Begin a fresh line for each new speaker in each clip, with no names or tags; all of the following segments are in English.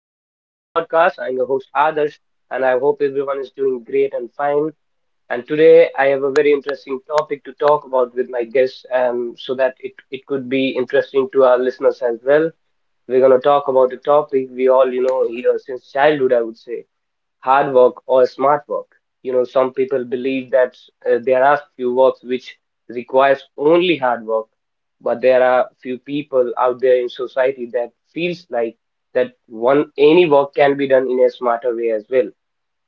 podcast. I'm your host, Adarsh, and I hope everyone is doing great and fine. And today, I have a very interesting topic to talk about with my guests, so that it could be interesting to our listeners as well. We're going to talk about a topic we all, you know, hear since childhood, I would say, hard work or smart work. Some people believe that there are few works which requires only hard work, but there are few people out there in society that feels like that one any work can be done in a smarter way as well,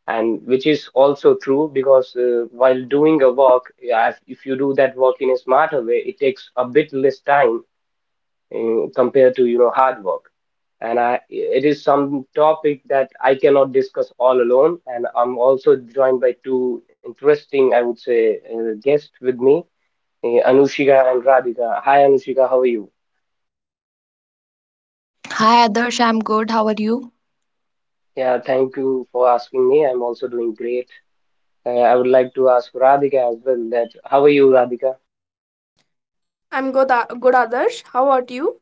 and which is also true because, while doing a work, yeah, if you do that work in a smarter way, it takes a bit less time compared to hard work. And i it is some topic that I cannot discuss all alone, and I'm also joined by two interesting, I would say, guests with me, Anushika and Radhika. Hi Anushika, how are you?
Hi Adarsh, I'm good. How are you?
Yeah, thank you for asking me. I'm also doing great. I would like to ask Radhika as well that how are you, Radhika?
I'm good, good Adarsh. How about you?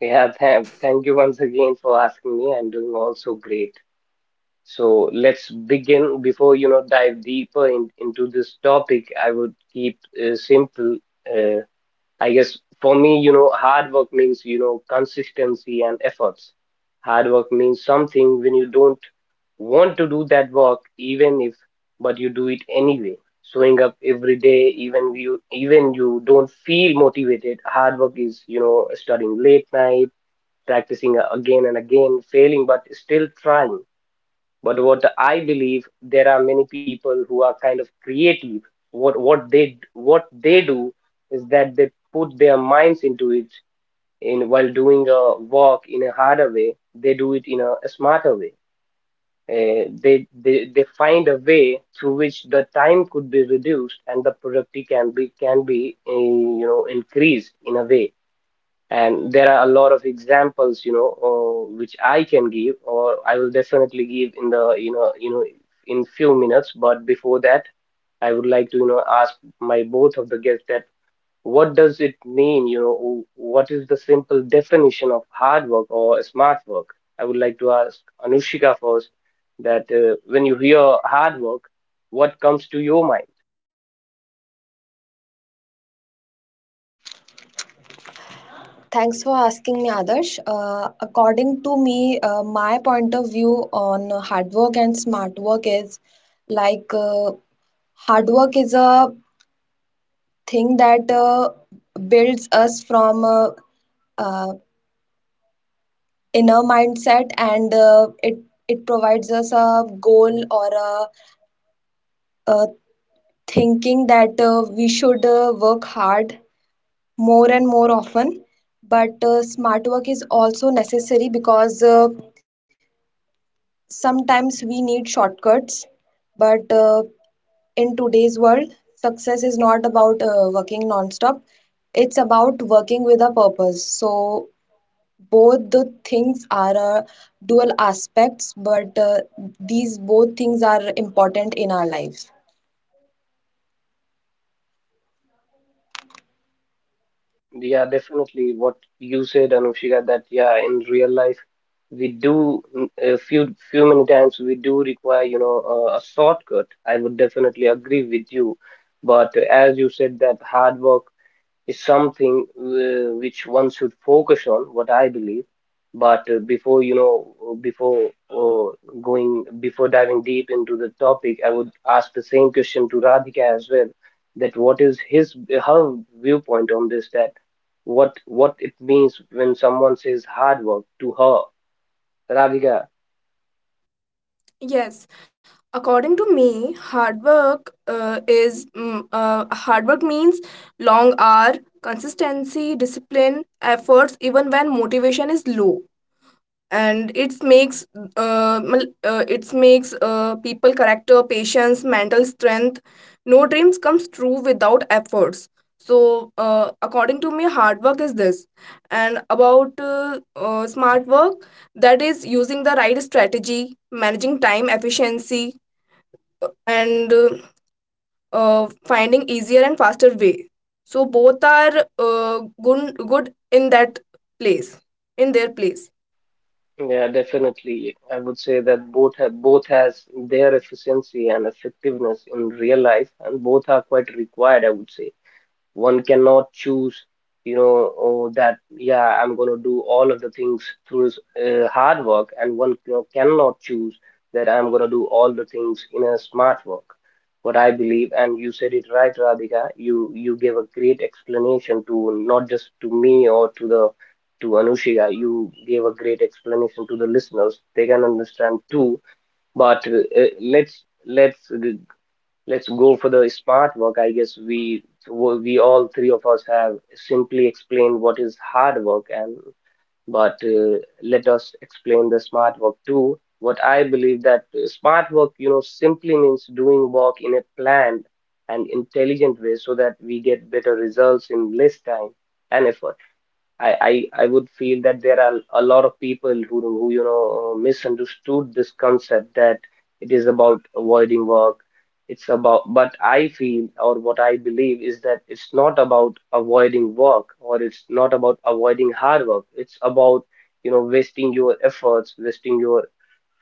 Yeah, thank you once again for asking me. I'm doing also great. So let's begin. Before dive deeper into this topic, I would keep simple. Uh, I guess for me, hard work means consistency and efforts. Hard work means something when you don't want to do that work, even if, but you do it anyway. Showing up every day, even you don't feel motivated. Hard work is studying late night, practicing again and again, failing but still trying. But what I believe, there are many people who are kind of creative. What they do is that they put their minds into it. In while doing a work in a harder way, they do it in a smarter way. They find a way through which the time could be reduced and the productivity can be increased in a way. And there are a lot of examples which I can give, or I will definitely give in the in few minutes, but before that, I would like to ask my both of the guests that what does it mean, what is the simple definition of hard work or smart work? I would like to ask Anushika first that, when you hear hard work, what comes to your mind?
Thanks for asking me, Adarsh. According to me, my point of view on hard work and smart work is like hard work is a thing that builds us from uh, inner mindset, and it it provides us a goal, or a thinking that we should work hard more and more often. But smart work is also necessary, because sometimes we need shortcuts. But in today's world, success is not about working non-stop. It's about working with a purpose. So both the things are dual aspects, but these both things are important in our lives.
Definitely, yeah, definitely. What you said, Anushika, that yeah, in real life, we do, a few many times we do require a shortcut. I would definitely agree with you. But as you said, that hard work is something, which one should focus on, what I believe. But before you know before uh, going before diving deep into the topic, I would ask the same question to Radhika as well, that what is his her viewpoint on this, that what it means when someone says hard work to her, Radhika.
Yes. According to me, hard work hard work means long hour, consistency, discipline, efforts, even when motivation is low, and it makes it makes people character patience mental strength. No dreams comes true without efforts, so according to me hard work is this. And about smart work, that is using the right strategy managing time efficiency, and finding easier and faster way. So both are good in that place place.
Yeah, definitely. I would say that both has their efficiency and effectiveness in real life, and both are quite required, I would say. One cannot choose, oh, that, yeah, I'm going to do all of the things through his, hard work, and one cannot choose that I'm going to do all the things in a smart work. What I believe, and you said it right, Radhika, you gave a great explanation to, not just to me or to the to Anushika, you gave a great explanation to the listeners. They can understand too. But let's go for the smart work. I guess we all three of us have simply explained what is hard work, and but let us explain the smart work too. What I believe, that smart work simply means doing work in a planned and intelligent way, so that we get better results in less time and effort. I, I would feel that there are a lot of people who misunderstood this concept, that it is about avoiding work. It's about, but I feel, or what I believe is that it's not about avoiding work, or it's not about avoiding hard work. It's about wasting your efforts, wasting your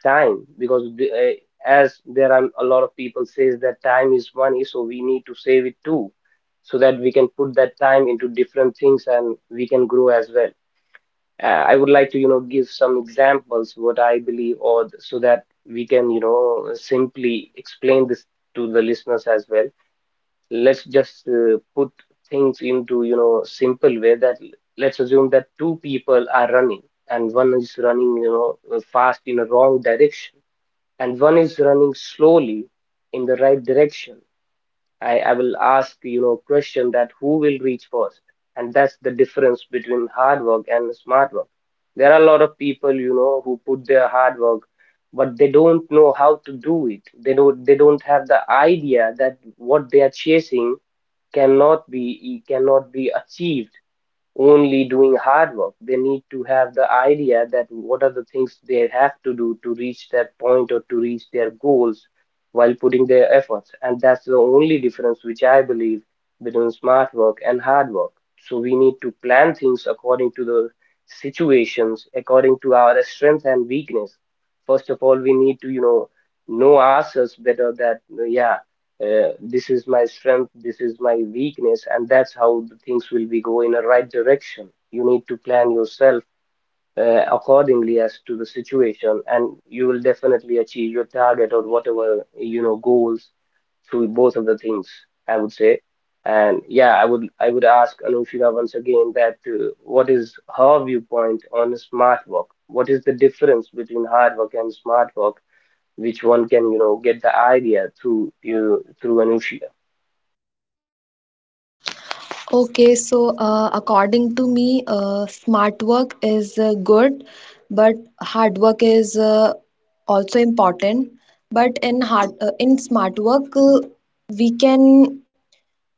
time, because as there are a lot of people says that time is money, so we need to save it too, so that we can put that time into different things, and we can grow as well. I would like to give some examples, what I believe, so that we can simply explain this to the listeners as well. Let's just put things into simple way, let's assume that two people are running, and one is running, fast in a wrong direction, and one is running slowly in the right direction. I will ask, question that who will reach first? And that's the difference between hard work and smart work. There are a lot of people who put their hard work, but they don't know how to do it. They don't have the idea that what they are chasing cannot be achieved only doing hard work. They need to have the idea that what are the things they have to do to reach that point or to reach their goals, while putting their efforts. And that's the only difference which I believe between smart work and hard work. So we need to plan things according to the situations, according to our strength and weakness. First of all, we need to know ourselves better, that, yeah, this is my strength, this is my weakness, and that's how the things will be go in a right direction. You need to plan yourself accordingly as to the situation, and you will definitely achieve your target or whatever goals through both of the things, I would say. And yeah, I would ask Anushika once again that, what is her viewpoint on smart work, what is the difference between hard work and smart work, which one can get the idea through Anush.
Okay, so according to me, smart work is good, but hard work is also important. But in hard in smart work, we can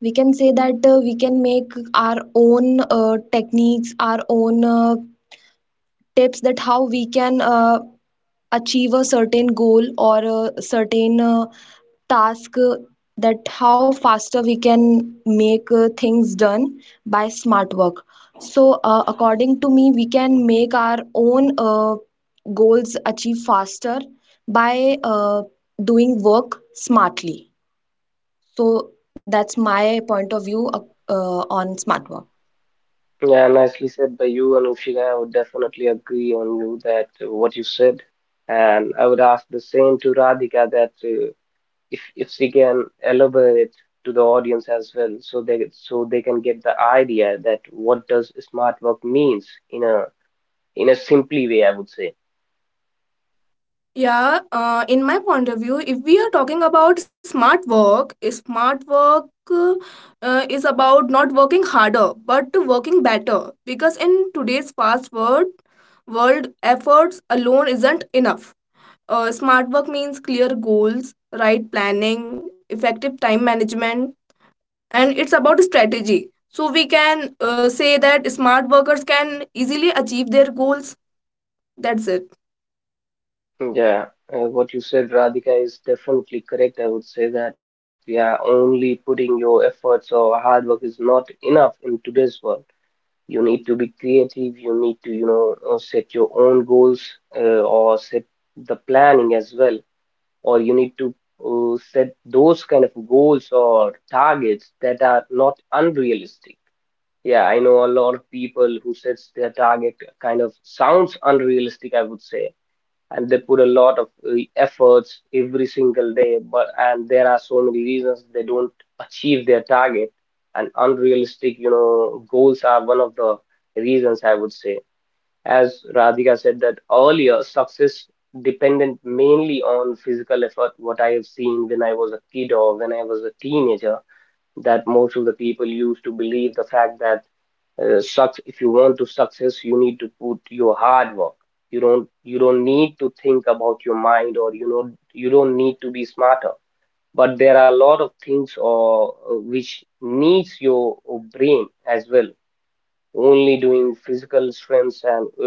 we can say that we can make our own techniques, our own tips, that how we can achieve a certain goal or a certain task, that how faster we can make things done by smart work. So according to me, we can make our own goals achieve faster by doing work smartly. So
Yeah,
that's my point of view on smart work.
yeah, nicely said by you, and Anushika. I would definitely agree on you that, what you said, and I would ask the same to Radhika that, if she can elaborate to the audience as well, so they can get the idea that what does smart work means in a simply way, I would say.
Yeah, in my point of view, if we are talking about smart work, uh, is about not working harder but working better. Because in today's fast world, world efforts alone isn't enough. Smart work means clear goals, right planning, effective time management, and it's about strategy. So we can say that smart workers can easily achieve their goals. That's it.
Yeah, what you said, Radhika, is definitely correct. I would say that yeah, only putting your efforts or hard work is not enough in today's world. You need to be creative. You need to set your own goals, or set the planning as well. Or you need to set those kind of goals or targets that are not unrealistic. Yeah, I know a lot of people who sets their target, kind of sounds unrealistic, I would say, and they put a lot of efforts every single day, but and there are so many reasons they don't achieve their target, and unrealistic goals are one of the reasons, I would say. As Radhika said, that earlier success dependent mainly on physical effort, what I have seen when I was a kid or when I was a teenager, that most of the people used to believe the fact that, sucks, if you want to success, you need to put your hard work. You don't need to think about your mind or you don't need to be smarter, but there are a lot of things or which needs your brain as well. Only doing physical strengths, and uh,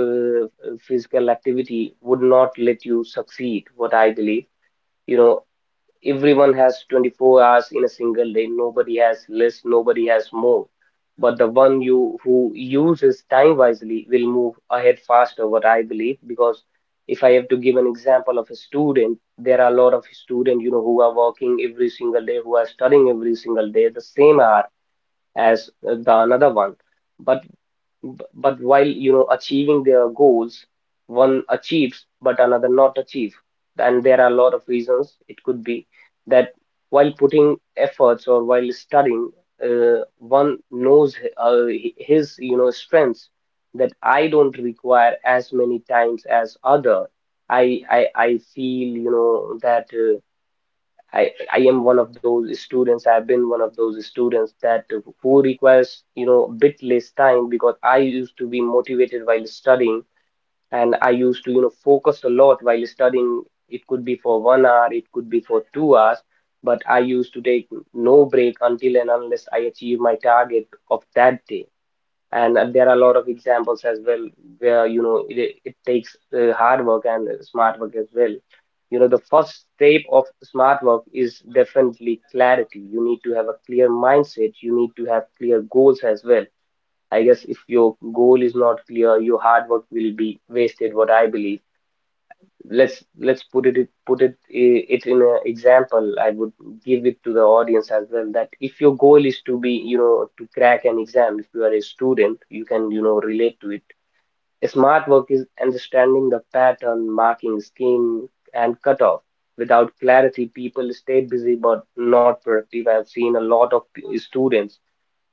uh, physical activity would not let you succeed, what I believe. You know everyone has 24 hours in a single day. Nobody has less, nobody has more. But the one you who uses time wisely will move ahead faster, what I believe. Because if I have to give an example of a student, there are a lot of students who are working every single day, who are studying every single day the same hour as the another one. But B- But while achieving their goals, one achieves but another not achieve. And there are a lot of reasons. It could be that while putting efforts or while studying, one knows his strengths that I don't require as many times as other. I feel that. I am one of those students. I've been one of those students that who requires a bit less time because I used to be motivated while studying, and I used to focus a lot while studying. It could be for 1 hour, it could be for 2 hours, but I used to take no break until and unless I achieve my target of that day. And there are a lot of examples as well where it takes hard work and smart work as well. The first step of smart work is definitely clarity. You need to have a clear mindset, you need to have clear goals as well. I guess if your goal is not clear, your hard work will be wasted, what I believe. Let's put it in an example. I would give it to the audience as well that if your goal is to be to crack an exam, if you are a student, you can relate to it. Smart work is understanding the pattern, marking scheme, and cutoff. Without clarity, people stay busy but not productive. I've seen a lot of students,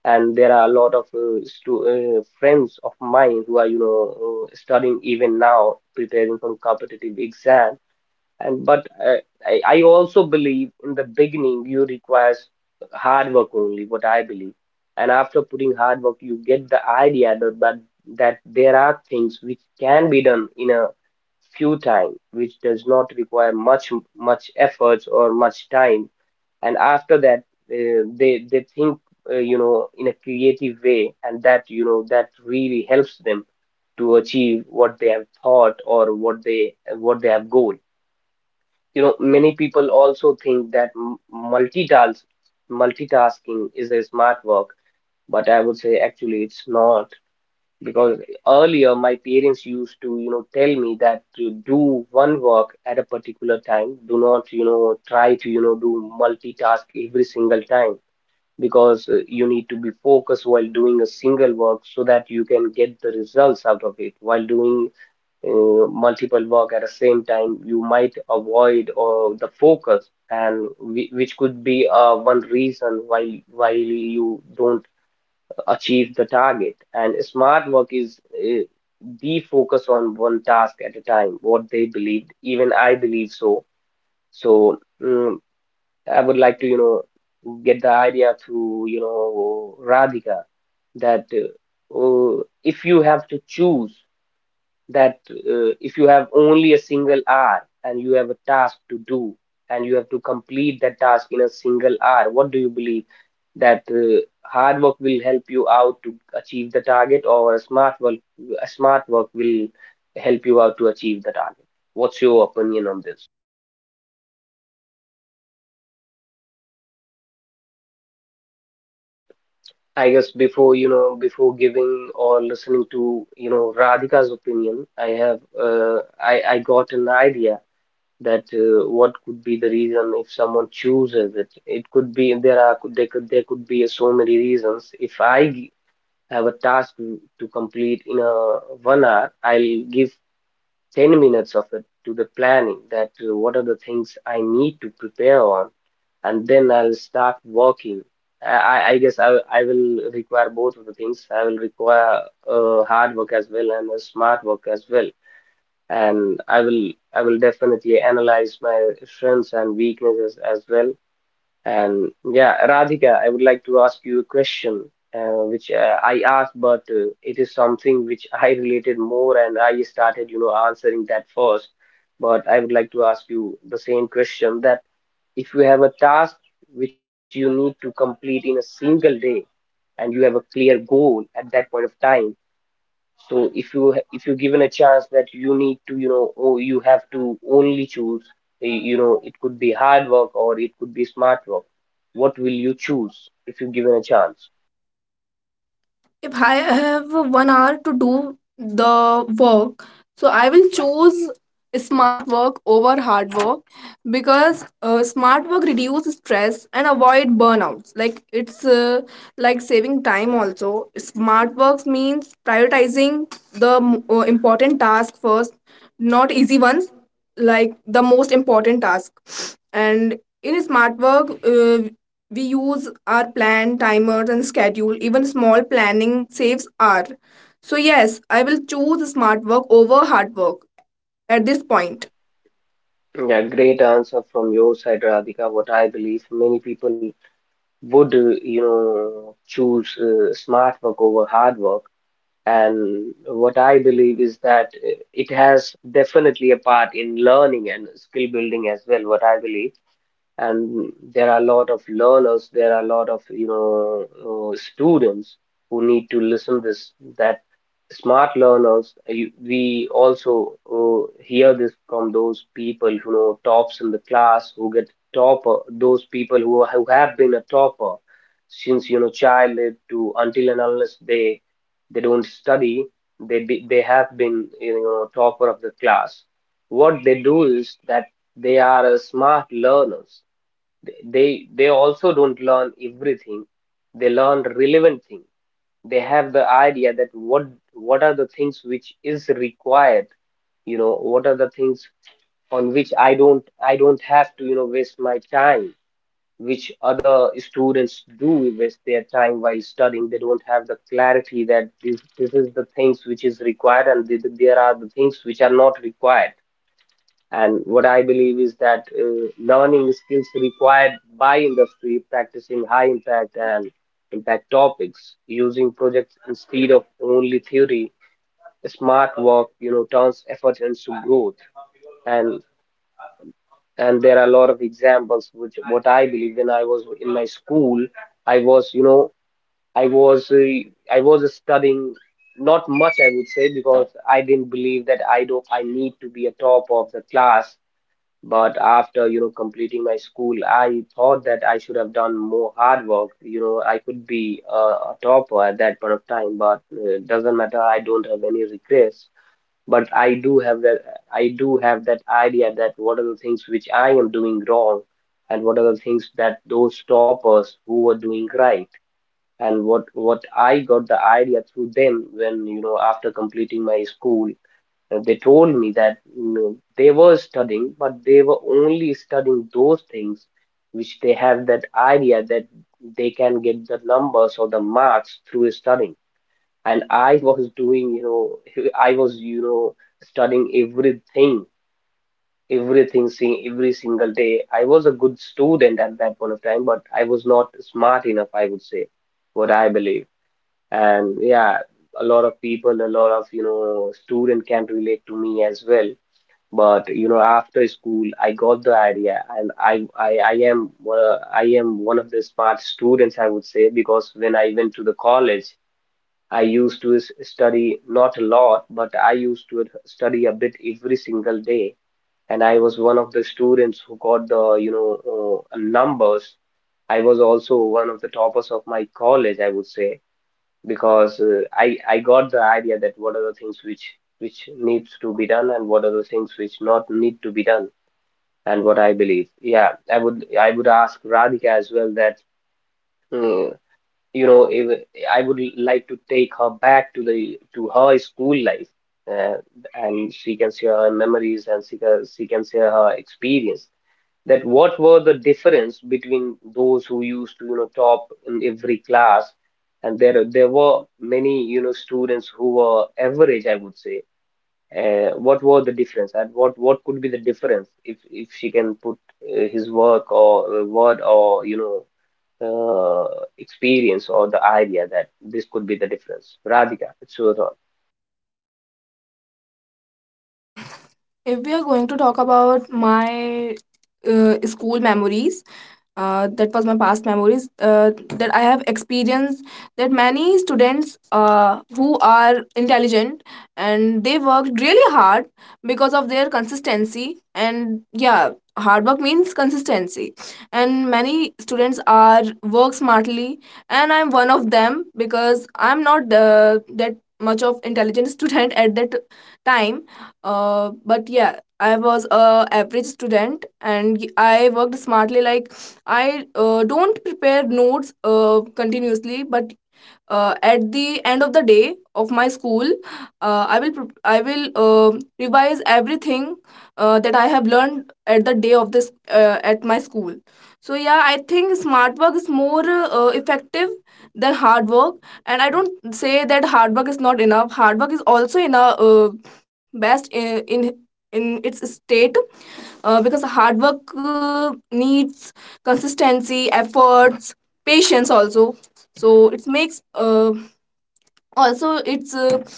and there are a lot of friends of mine who are studying even now, preparing for competitive exam. And but uh, I also believe in the beginning you requires hard work only, what I believe. And after putting hard work, you get the idea that that there are things which can be done in a few time which does not require much efforts or much time. And after that, they think in a creative way, and that you know that really helps them to achieve what they have thought, or what they have goal. Many people also think that multitask multitasking is a smart work, but I would say actually it's not. Because earlier my parents used to tell me that to do one work at a particular time. Do not try to do multitask every single time, because you need to be focused while doing a single work so that you can get the results out of it. While doing multiple work at the same time, you might avoid or the focus, and which could be one reason why you don't achieve the target. And smart work is the focus on one task at a time. What they believed, even I believe so. So I would like to, get the idea through, Radhika, that if you have to choose, that if you have only a single hour and you have a task to do, and you have to complete that task in a single hour, what do you believe? That hard work will help you out to achieve the target, or a smart work will help you out to achieve the target? What's your opinion on this?
According to me, I will choose smart work because
I guess before
reduces.
before giving or listening to Radhika's opinion, I have I got an idea that what could be the reason if someone chooses it. It could be there are could there could there could be so many reasons. If I g- have a task to complete in a 1 hour, I'll give 10 minutes of it to the planning, that what are the things I need to prepare on, and then I'll start working. I guess I will require both of the things. I will require hard work as well and a smart work as well, and I will definitely analyze my strengths and weaknesses as well. And yeah, Radhika, I would like to ask you a question, which I asked, but it is something which I related more, and I started, answering that first. But I would like to ask you the same question, that if you have a task which you need to complete in a single day, and you have a clear goal at that point of time. So if you're given a chance that you need to, or you have to only choose, it could be hard work or it could be smart work. What will you choose if you're given a chance?
If I have 1 hour to do the work, so I will choose smart work over hard work, because smart work reduce stress and avoid burnouts. Like it's like saving time also. Smart works means prioritizing the important task first, not easy ones, like the most important task. And in smart work, we use our plan, timers, and schedule. Even small planning saves hour. So yes, I will choose smart work over hard work at this point.
Yeah, great answer from your side, Radhika. What I believe, many people would, choose smart work over hard work. And what I believe is that it has definitely a part in learning and skill building as well, what I believe. And there are a lot of learners, there are a lot of students who need to listen this, that smart learners, we also hear this from those people who know tops in the class, who get topper, those people who, who have been a topper since childhood, to until and unless they don't study, they they have been topper of the class. What they do is that they are a smart learners. They also don't learn everything. They learn relevant thing. They have the idea that what are the things which is required. What are the things on which I don't have to waste my time, which other students do waste their time while studying. They don't have the clarity that this is the things which is required, and there are the things which are not required. And what I believe is that learning skills required by industry, practicing high impact and impact topics, using projects instead of only theory, smart work, turns effort into growth. And and there are a lot of examples which, what I believe, when I was in my school, I was, I was uh, I was studying not much I would say, because I didn't believe that I don't I need to be a top of the class. But after completing my school, I thought that I should have done more hard work. You know, I could be a topper at that point of time, but doesn't matter, I don't have any regrets. But I do have that idea, that what are the things which I am doing wrong, and what are the things that those toppers who were doing right. And what I got the idea through them, when after completing my school, they told me that, they were studying, but they were only studying those things which they have that idea, that they can get the numbers or the marks through studying. And I was doing, I was, studying everything, everything, seeing every single day. I was a good student at that point of time, but I was not smart enough, I would say, what I believe. And yeah, a lot of people, a lot of, student can relate to me as well. But you know, after school, I got the idea, and I am I am one of the smart students, I would say, because when I went to the college, I used to study not a lot, but I used to study a bit every single day, and I was one of the students who got the numbers. I was also one of the toppers of my college, I would say, because I got the idea that what are the things which needs to be done and what are the things which not need to be done, and what I believe. Yeah, I would ask Radhika as well that mm, you know if, I would like to take her back to the to her school life, uh, and she can share her memories, and she can share her experience, that what were the difference between those who used to top in every class, and there were many students who were average I would say. What were the difference, and what could be the difference, if she can put his work or word or uh, experience or the idea that this could be the difference. Radhika, it's your thought.
If we are going to talk about my school memories, that was my past memories that I have experienced, that many students who are intelligent and they worked really hard because of their consistency. And yeah, hard work means consistency, and many students are work smartly, and I'm one of them because I'm not that much of intelligent student at that time. But yeah, I was a average student and I worked smartly. Like, I don't prepare notes continuously, but at the end of the day of my school, I will I will revise everything that I have learned at the day of this at my school. So yeah, I think smart work is more effective than hard work, and I don't say that hard work is not enough. Hard work is also enough, best in in its state, because hard work needs consistency efforts patience also. So it makes also it's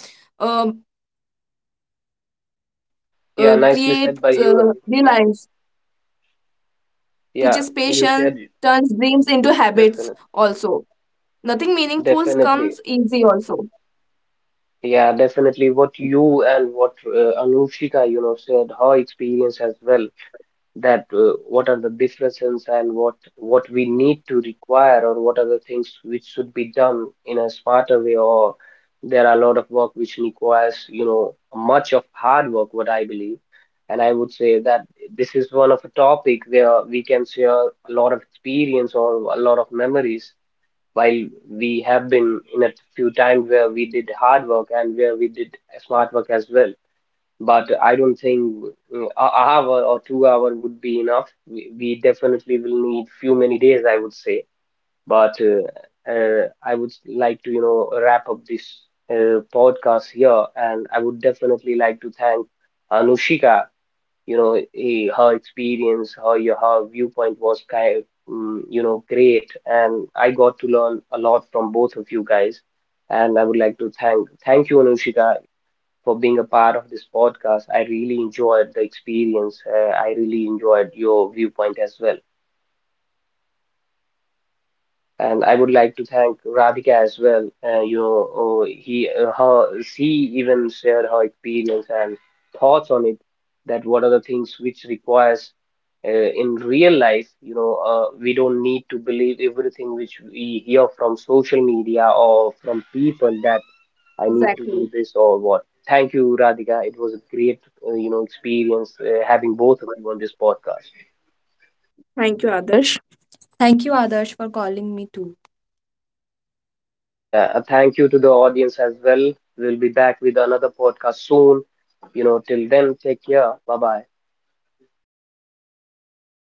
um
Yeah, nicely
create
said by you, Radhika. Yeah,
reliance.
yeah.
Teaches
You
patience.
said it.
Turns dreams into habits
Definitely.
also. Nothing meaningful
Definitely.
comes easy also.
Yeah, definitely what you and what Anushika, said, her experience as well, that what are the differences, and what we need to require, or what are the things which should be done in a smarter way, or there are a lot of work which requires, much of hard work, what I believe. And I would say that this is one of a topic where we can share a lot of experience or a lot of memories, while we have been in a few times where we did hard work and where we did smart work as well. But I don't think a hour or 2 hour would be enough. We, definitely will need few many days, I would say. But I would like to, wrap up this podcast here, and I would definitely like to thank Anushika. Her experience, her viewpoint was kind, great, and I got to learn a lot from both of you guys. And I would like to thank you, Anushika, for being a part of this podcast. I really enjoyed the experience. I really enjoyed your viewpoint as well.
Thank you,
And I would
Adarsh.
like to
And I would
thank
like to
Radhika
thank
as well.
Radhika.
She even shared her experience and thoughts on it. That what are the things which requires in real life. You know, we don't need to believe everything which we hear from social media or from people, that I need to
Exactly.
do this or what. Thank you, Radhika. It was a great, experience having both of you on this podcast.
Thank you, Adarsh. Thank you, Adarsh, for calling me too.
Yeah, thank you to the audience as well. We'll be back with another podcast soon. Till then, take care. Bye bye.